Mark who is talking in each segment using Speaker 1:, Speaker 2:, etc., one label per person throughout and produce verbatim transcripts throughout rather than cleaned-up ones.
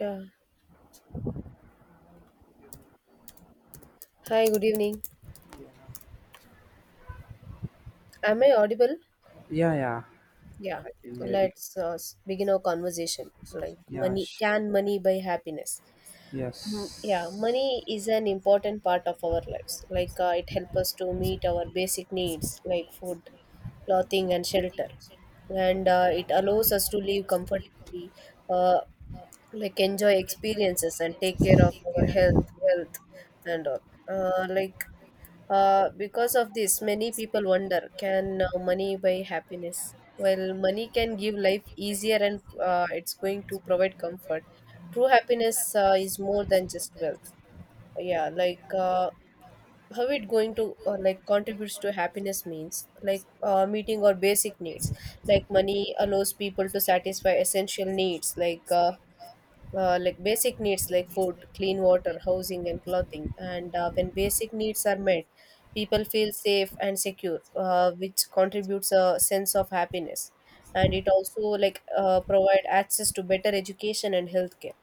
Speaker 1: Yeah. Hi, good evening. Am I audible?
Speaker 2: Yeah, yeah,
Speaker 1: Yeah.
Speaker 2: I can hear you.
Speaker 1: Let's uh, s- begin our conversation. Like
Speaker 2: Yeah,
Speaker 1: money,
Speaker 2: sure.
Speaker 1: can money buy happiness? Mm, Yeah,
Speaker 2: Yes.
Speaker 1: money is an important part of our lives. Like uh, it helps us to meet our basic needs like food, clothing, and shelter. And uh, it allows us to live comfortably, uh, like enjoy experiences and take care of our health, wealth, and all. Uh, like Uh, because of this, many people wonder can uh, money buy happiness? Well, money can give life easier and uh, it's going to provide comfort. True happiness uh, is more than just wealth. Yeah, like uh, how it going to uh, like contributes to happiness means like uh, meeting or basic needs. Like money allows people to satisfy essential needs like uh, uh, like basic needs like food, clean water, housing, and clothing. And uh, When basic needs are met, people feel safe and secure, uh, which contributes a sense of happiness. And it also like uh, provide access to better education and healthcare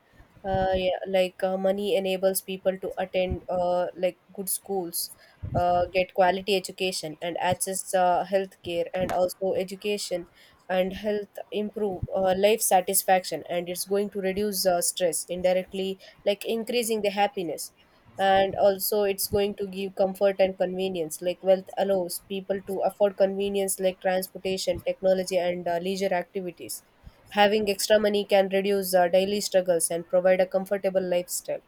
Speaker 1: uh, yeah, like uh, money enables people to attend uh, like good schools uh, get quality education and access uh, healthcare, and also education and health improve uh, life satisfaction, and it's going to reduce uh, stress indirectly, like increasing the happiness. And also it's going to give comfort and convenience, like wealth allows people to afford convenience like transportation, technology, and uh, leisure activities. Having extra money can reduce uh, daily struggles and provide a comfortable lifestyle.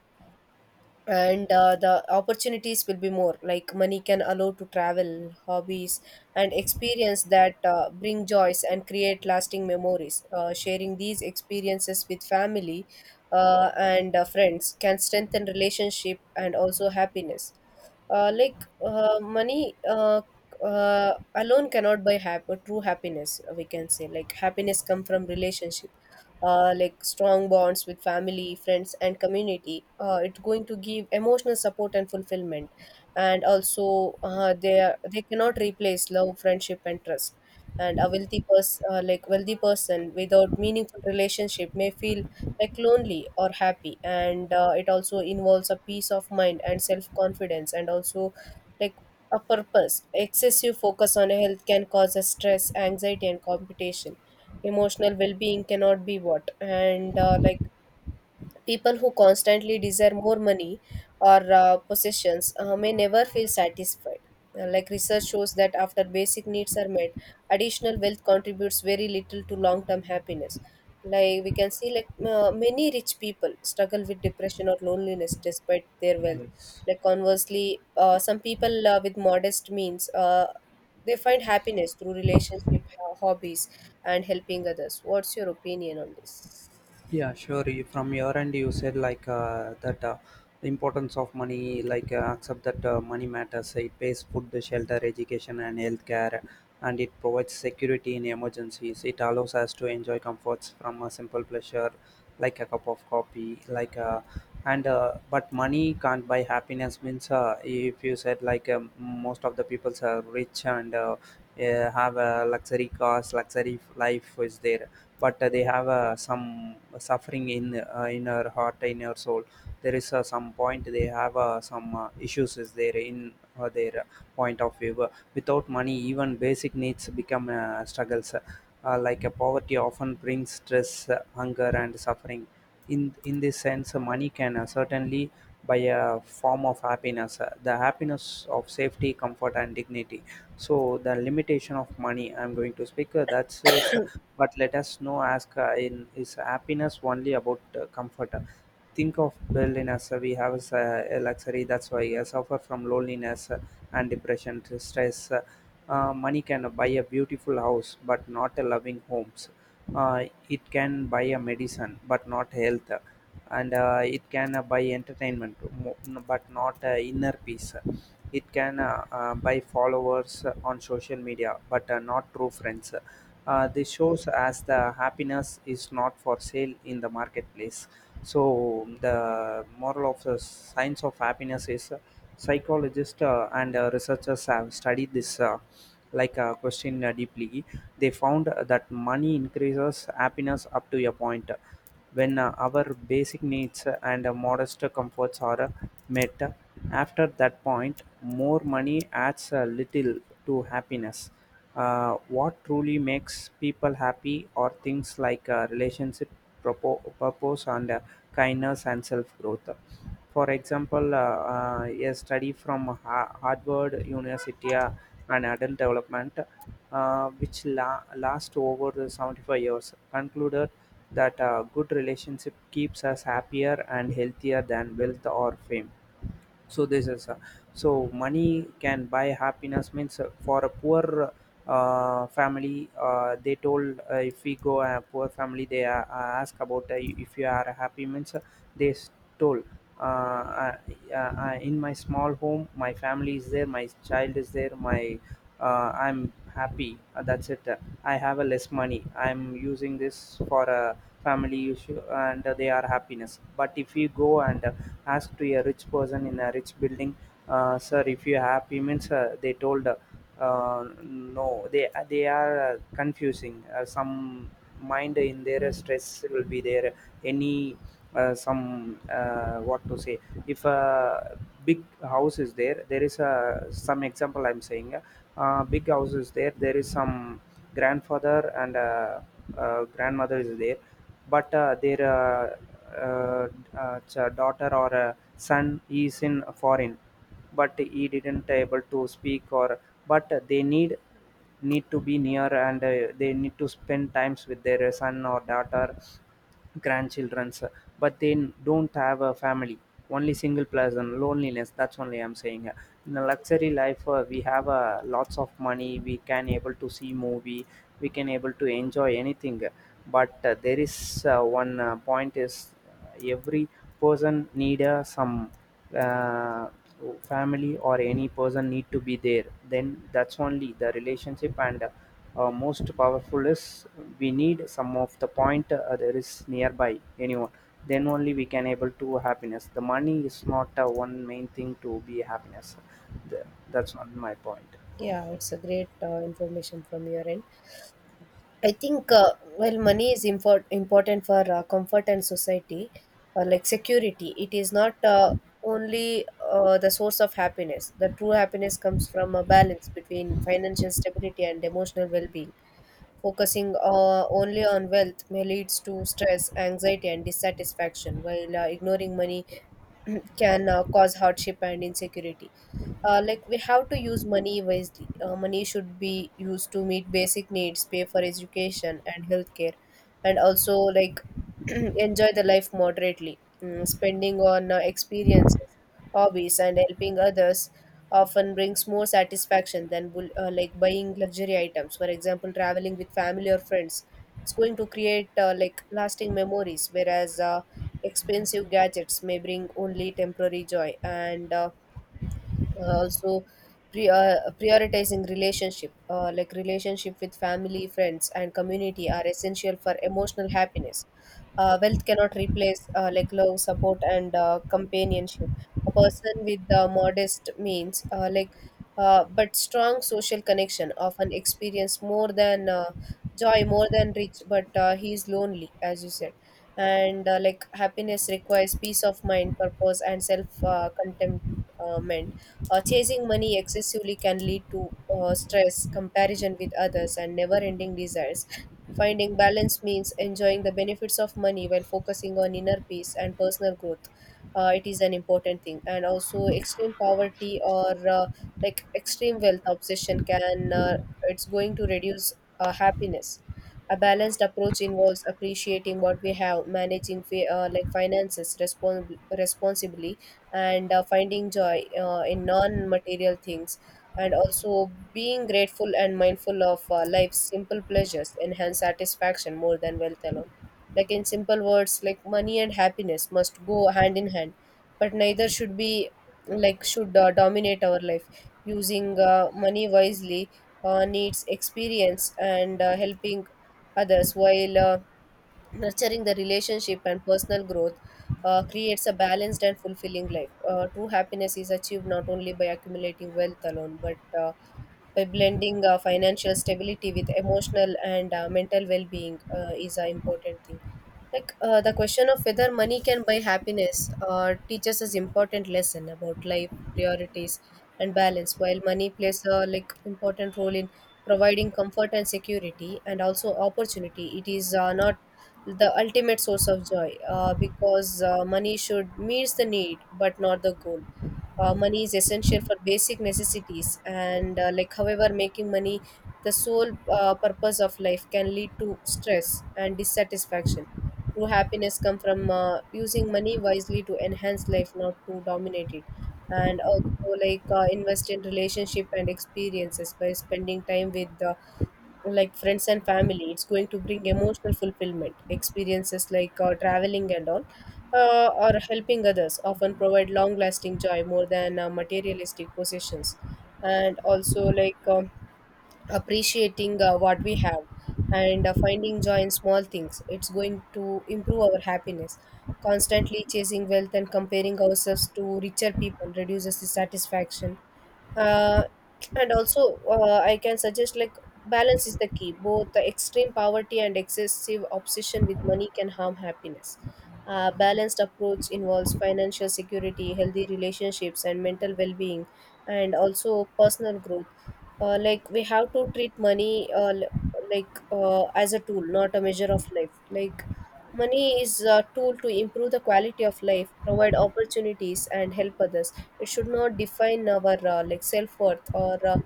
Speaker 1: And uh, The opportunities will be more. Like money can allow to travel, hobbies, and experience that uh, bring joys and create lasting memories. Uh, sharing these experiences with family uh, and uh, friends can strengthen relationship and also happiness. Uh, like uh, Money uh, uh, alone cannot buy hap- true happiness. We can say like happiness come from relationship, uh, like strong bonds with family, friends, and community. Uh, it's going to give emotional support and fulfillment, and also uh, they are, they cannot replace love, friendship, and trust. And a wealthy person, uh, like wealthy person, without meaningful relationship may feel like lonely or happy, and uh, it also involves a peace of mind and self confidence, and also like a purpose. Excessive focus on health can cause a stress, anxiety, and competition. Emotional well-being cannot be what, and uh, like people who constantly desire more money or uh, possessions uh, may never feel satisfied. Uh, Like research shows that after basic needs are met, additional wealth contributes very little to long term happiness. Like we can see, like uh, many rich people struggle with depression or loneliness despite their wealth.
Speaker 2: Yes.
Speaker 1: Like conversely, uh, some people uh, with modest means uh, they find happiness through relationship, ho- hobbies, and helping others. What's your opinion on this?
Speaker 2: Yeah, sure. You- From your end, you said like uh, that uh, the importance of money, like uh, accept that uh, money matters. It pays food, shelter, education, and healthcare, and it provides security in emergencies. It allows us to enjoy comforts from a simple pleasure, like a cup of coffee, like uh, and uh, but money can't buy happiness. Means uh, if you said like um, most of the peoples are rich and uh, uh, have a luxury cars, luxury life is there but uh, they have uh, some suffering in uh, in her heart in her soul there is uh, some point they have uh, some uh, issues is there in uh, their uh, point of view. Uh, without money even basic needs become uh, struggles uh, like a poverty often brings stress, uh, hunger and suffering in in this sense, uh, money can uh, certainly buy a form of happiness, uh, the happiness of safety, comfort and dignity. So the limitation of money I'm going to speak, uh, that's is. But let us know, ask, uh, in is happiness only about uh, comfort? Think of Berlin as uh, we have as uh, a luxury, that's why I suffer from loneliness, uh, and depression, stress. Uh, uh, money can buy a beautiful house but not a loving homes. uh, it can buy a medicine but not health, and uh, it can uh, buy entertainment mo- but not uh, inner peace. It can uh, uh, buy followers on social media but uh, not true friends. Uh, this shows as the happiness is not for sale in the marketplace. So the moral of the science of happiness is, uh, psychologists uh, and uh, researchers have studied this, uh, like uh, question, uh, deeply. They found that money increases happiness up to a point. When uh, our basic needs and uh, modest comforts are uh, met, after that point, more money adds a little to happiness. Uh, what truly makes people happy are things like uh, relationship, propo- purpose and uh, kindness and self-growth. For example, uh, uh, a study from Ha- Harvard University uh, and Adult Development, uh, which la- last over the seventy-five years, concluded that a good relationship keeps us happier and healthier than wealth or fame. So this is, uh, so money can buy happiness means, uh, for a poor uh, family. Uh, they told, uh, if we go a poor family, they uh, ask about, uh, if you are happy means, uh, they s- told. Uh, uh, uh, in my small home, my family is there, my child is there, my, uh, I'm happy, uh, that's it. uh, I have a less money, I'm using this for a family issue, and uh, they are happiness. But if you go and uh, ask to a rich person in a rich building, uh, sir, if you happy means, uh, they told, uh, uh, no, they they are uh, confusing, uh, some mind in their stress will be there. Any uh, some uh, what to say, if a big house is there, there is a some example I'm saying. uh, big houses there, there is some grandfather and uh, uh, grandmother is there, but uh, their uh, uh, uh, ch- daughter or uh, son is in foreign, but he didn't able to speak, or but they need, need to be near, and uh, they need to spend times with their son or daughter, grandchildrens. But they don't have a family, only single person, loneliness, that's only I'm saying. In a luxury life, uh, we have uh, lots of money, we can able to see movie, we can able to enjoy anything, but uh, there is uh, one uh, point is, uh, every person need uh, some uh, family or any person need to be there, then that's only the relationship, and uh, uh, most powerful is, we need some of the point, uh, there is nearby anyone, then only we can able to happiness. The money is not uh, one main thing to be happiness. The- that's not my point.
Speaker 1: Yeah, it's a great uh, information from your end. I think uh, while money is import- important for uh, comfort and society, or like security, it is not uh, only uh, the source of happiness. The true happiness comes from a balance between financial stability and emotional well-being. Focusing uh, only on wealth may leads to stress, anxiety, and dissatisfaction, while uh, ignoring money can uh, cause hardship and insecurity. Uh, like we have to use money wisely. Uh, money should be used to meet basic needs, pay for education and healthcare, and also like enjoy the life moderately. Mm, spending on uh, experiences, hobbies, and helping others often brings more satisfaction than bul- uh, like buying luxury items, for example traveling with family or friends. It's going to create uh, like lasting memories, whereas uh, expensive gadgets may bring only temporary joy. And uh, uh, Also, pre- uh, prioritizing relationship, uh, like relationship with family, friends, and community are essential for emotional happiness. Uh, wealth cannot replace uh, like love, support, and uh, companionship. A person with uh, modest means, uh, like uh, but strong social connection often experience more than uh, joy more than rich but uh, he is lonely, as you said. And uh, like happiness requires peace of mind, purpose, and self uh, contentment. Uh, chasing money excessively can lead to uh, stress, comparison with others, and never ending desires. Finding balance means enjoying the benefits of money while focusing on inner peace and personal growth. Uh, it is an important thing. And also, extreme poverty or uh, like extreme wealth obsession can, uh, it's going to reduce uh, happiness. A balanced approach involves appreciating what we have, managing fi- uh, like finances respons- responsibly, and uh, finding joy uh, in non material things, and also being grateful and mindful of uh, life's simple pleasures enhance satisfaction more than wealth alone. Like in simple words, like money and happiness must go hand in hand, but neither should be like should uh, dominate our life. Using uh, money wisely uh, needs experience and uh, helping others, while uh, nurturing the relationship and personal growth uh, creates a balanced and fulfilling life. Uh, true happiness is achieved not only by accumulating wealth alone, but uh, by blending uh, financial stability with emotional and uh, mental well-being uh, is an important thing. Like uh, the question of whether money can buy happiness uh, teaches us important lesson about life priorities and balance. While money plays a like important role in providing comfort and security and also opportunity, it is uh, not the ultimate source of joy, uh, because uh, money should meet the need but not the goal. Uh, money is essential for basic necessities, and uh, like however making money the sole uh, purpose of life can lead to stress and dissatisfaction. True happiness comes from uh, using money wisely to enhance life, not to dominate it. And also, like uh, invest in relationship and experiences by spending time with uh, like friends and family. It's going to bring emotional fulfillment. Experiences like uh, traveling and all, uh, or helping others, often provide long-lasting joy more than uh, materialistic possessions. And also, like um appreciating uh, what we have and uh, finding joy in small things, it's going to improve our happiness. Constantly chasing wealth and comparing ourselves to richer people reduces the satisfaction. Uh, and also uh, I can suggest like balance is the key. Both the extreme poverty and excessive obsession with money can harm happiness. A balanced approach involves financial security, healthy relationships, and mental well-being, and also personal growth. Uh, like we have to treat money uh, l- like uh, as a tool, not a measure of life. Like money is a tool to improve the quality of life, provide opportunities, and help others. It should not define our uh, like self worth, or uh,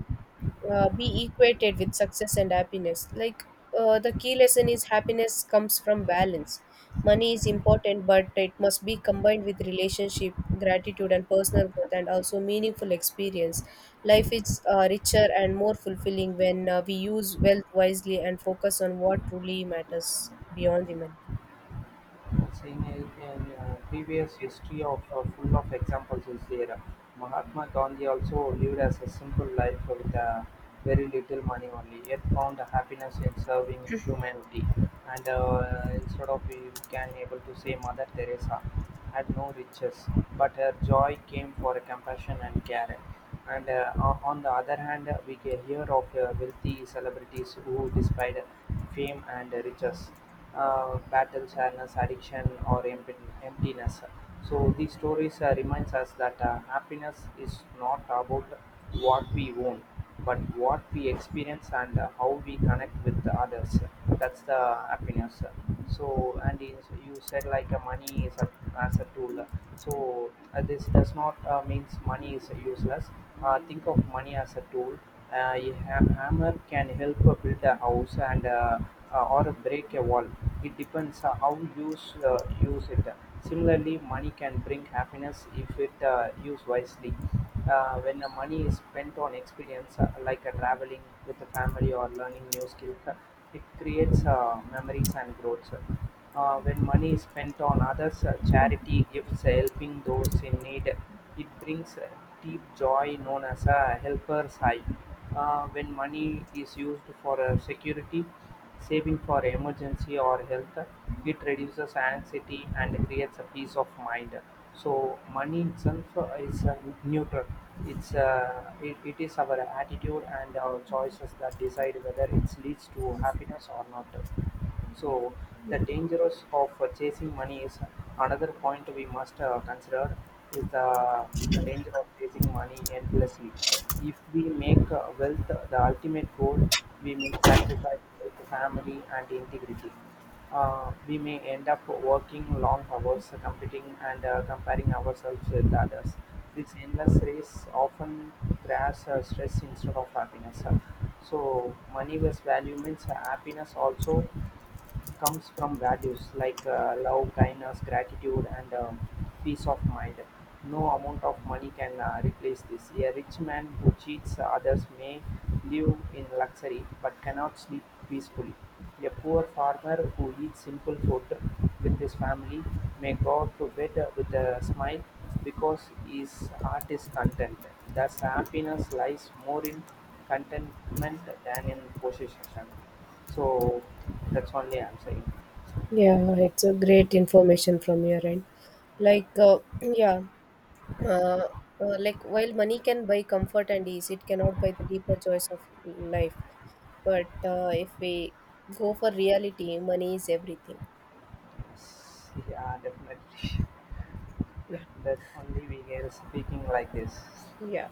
Speaker 1: uh, be equated with success and happiness. Like uh, the key lesson is happiness comes from balance. Money is important, but it must be combined with relationship, gratitude, and personal growth, and also meaningful experience. Life is uh, richer and more fulfilling when uh, we use wealth wisely and focus on what truly matters beyond the money.
Speaker 2: Seeing a, an uh, previous history of uh, full of examples is there. Mahatma Gandhi also lived as a simple life with uh, very little money only, yet found happiness in serving humanity. And uh, instead of, we can able to say Mother Teresa had no riches, but her joy came for compassion and care. And uh, o- on the other hand, uh, we can hear of uh, wealthy celebrities who, despite fame and riches, uh, battle sadness, addiction, or empt- emptiness. So these stories uh, reminds us that uh, happiness is not about what we own, but what we experience, and uh, how we connect with the others. That's the happiness. So and in, you said like uh, money is a, as a tool. So uh, this does not uh, means money is useless. Uh, think of money as a tool, uh, a ha- hammer can help uh, build a house and uh, uh, or break a wall. It depends uh, how you use, uh, use it. Similarly, money can bring happiness if it uh, used wisely. Uh, when the money is spent on experience, uh, like uh, traveling with the family or learning new skills, uh, it creates uh, memories and growth. Uh, when money is spent on others, uh, charity, gifts, helping those in need, it brings uh, deep joy known as a helper's high. Uh, when money is used for uh, security, saving for emergency or health, it reduces anxiety and creates a peace of mind. So money itself uh, is uh, neutral. It's uh, it, it is our attitude and our choices that decide whether it leads to happiness or not. So the dangers of uh, chasing money is another point we must uh, consider is the danger of chasing money endlessly. If we make uh, wealth the ultimate goal, we may sacrifice health, family and integrity. Uh, we may end up working long hours, competing and uh, comparing ourselves with others. This endless race often creates uh, stress instead of happiness. So money was value means happiness also comes from values like uh, love, kindness, gratitude, and um, peace of mind. No amount of money can uh, replace this. A rich man who cheats others may live in luxury but cannot sleep peacefully. A poor farmer who eats simple food with his family may go out to bed with a smile because his heart is content. Thus, happiness lies more in contentment than in possession. So that's only I'm saying.
Speaker 1: Yeah, it's a great information from your end.
Speaker 2: Yeah,
Speaker 1: Like, uh, yeah. uh, uh, like while money can buy comfort and ease, it cannot buy the deeper joys of life. But uh, if we go for reality, money is everything.
Speaker 2: yes, yeah, definitely.
Speaker 1: Yeah,
Speaker 2: That only we are speaking like this.
Speaker 1: Yeah,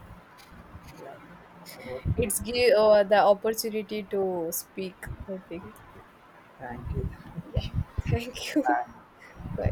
Speaker 2: Yeah. Okay.
Speaker 1: it's give uh, the opportunity to speak, I think.
Speaker 2: Thank you.
Speaker 1: Yeah,
Speaker 2: Thank you.
Speaker 1: thank you.
Speaker 2: Bye.
Speaker 1: Bye.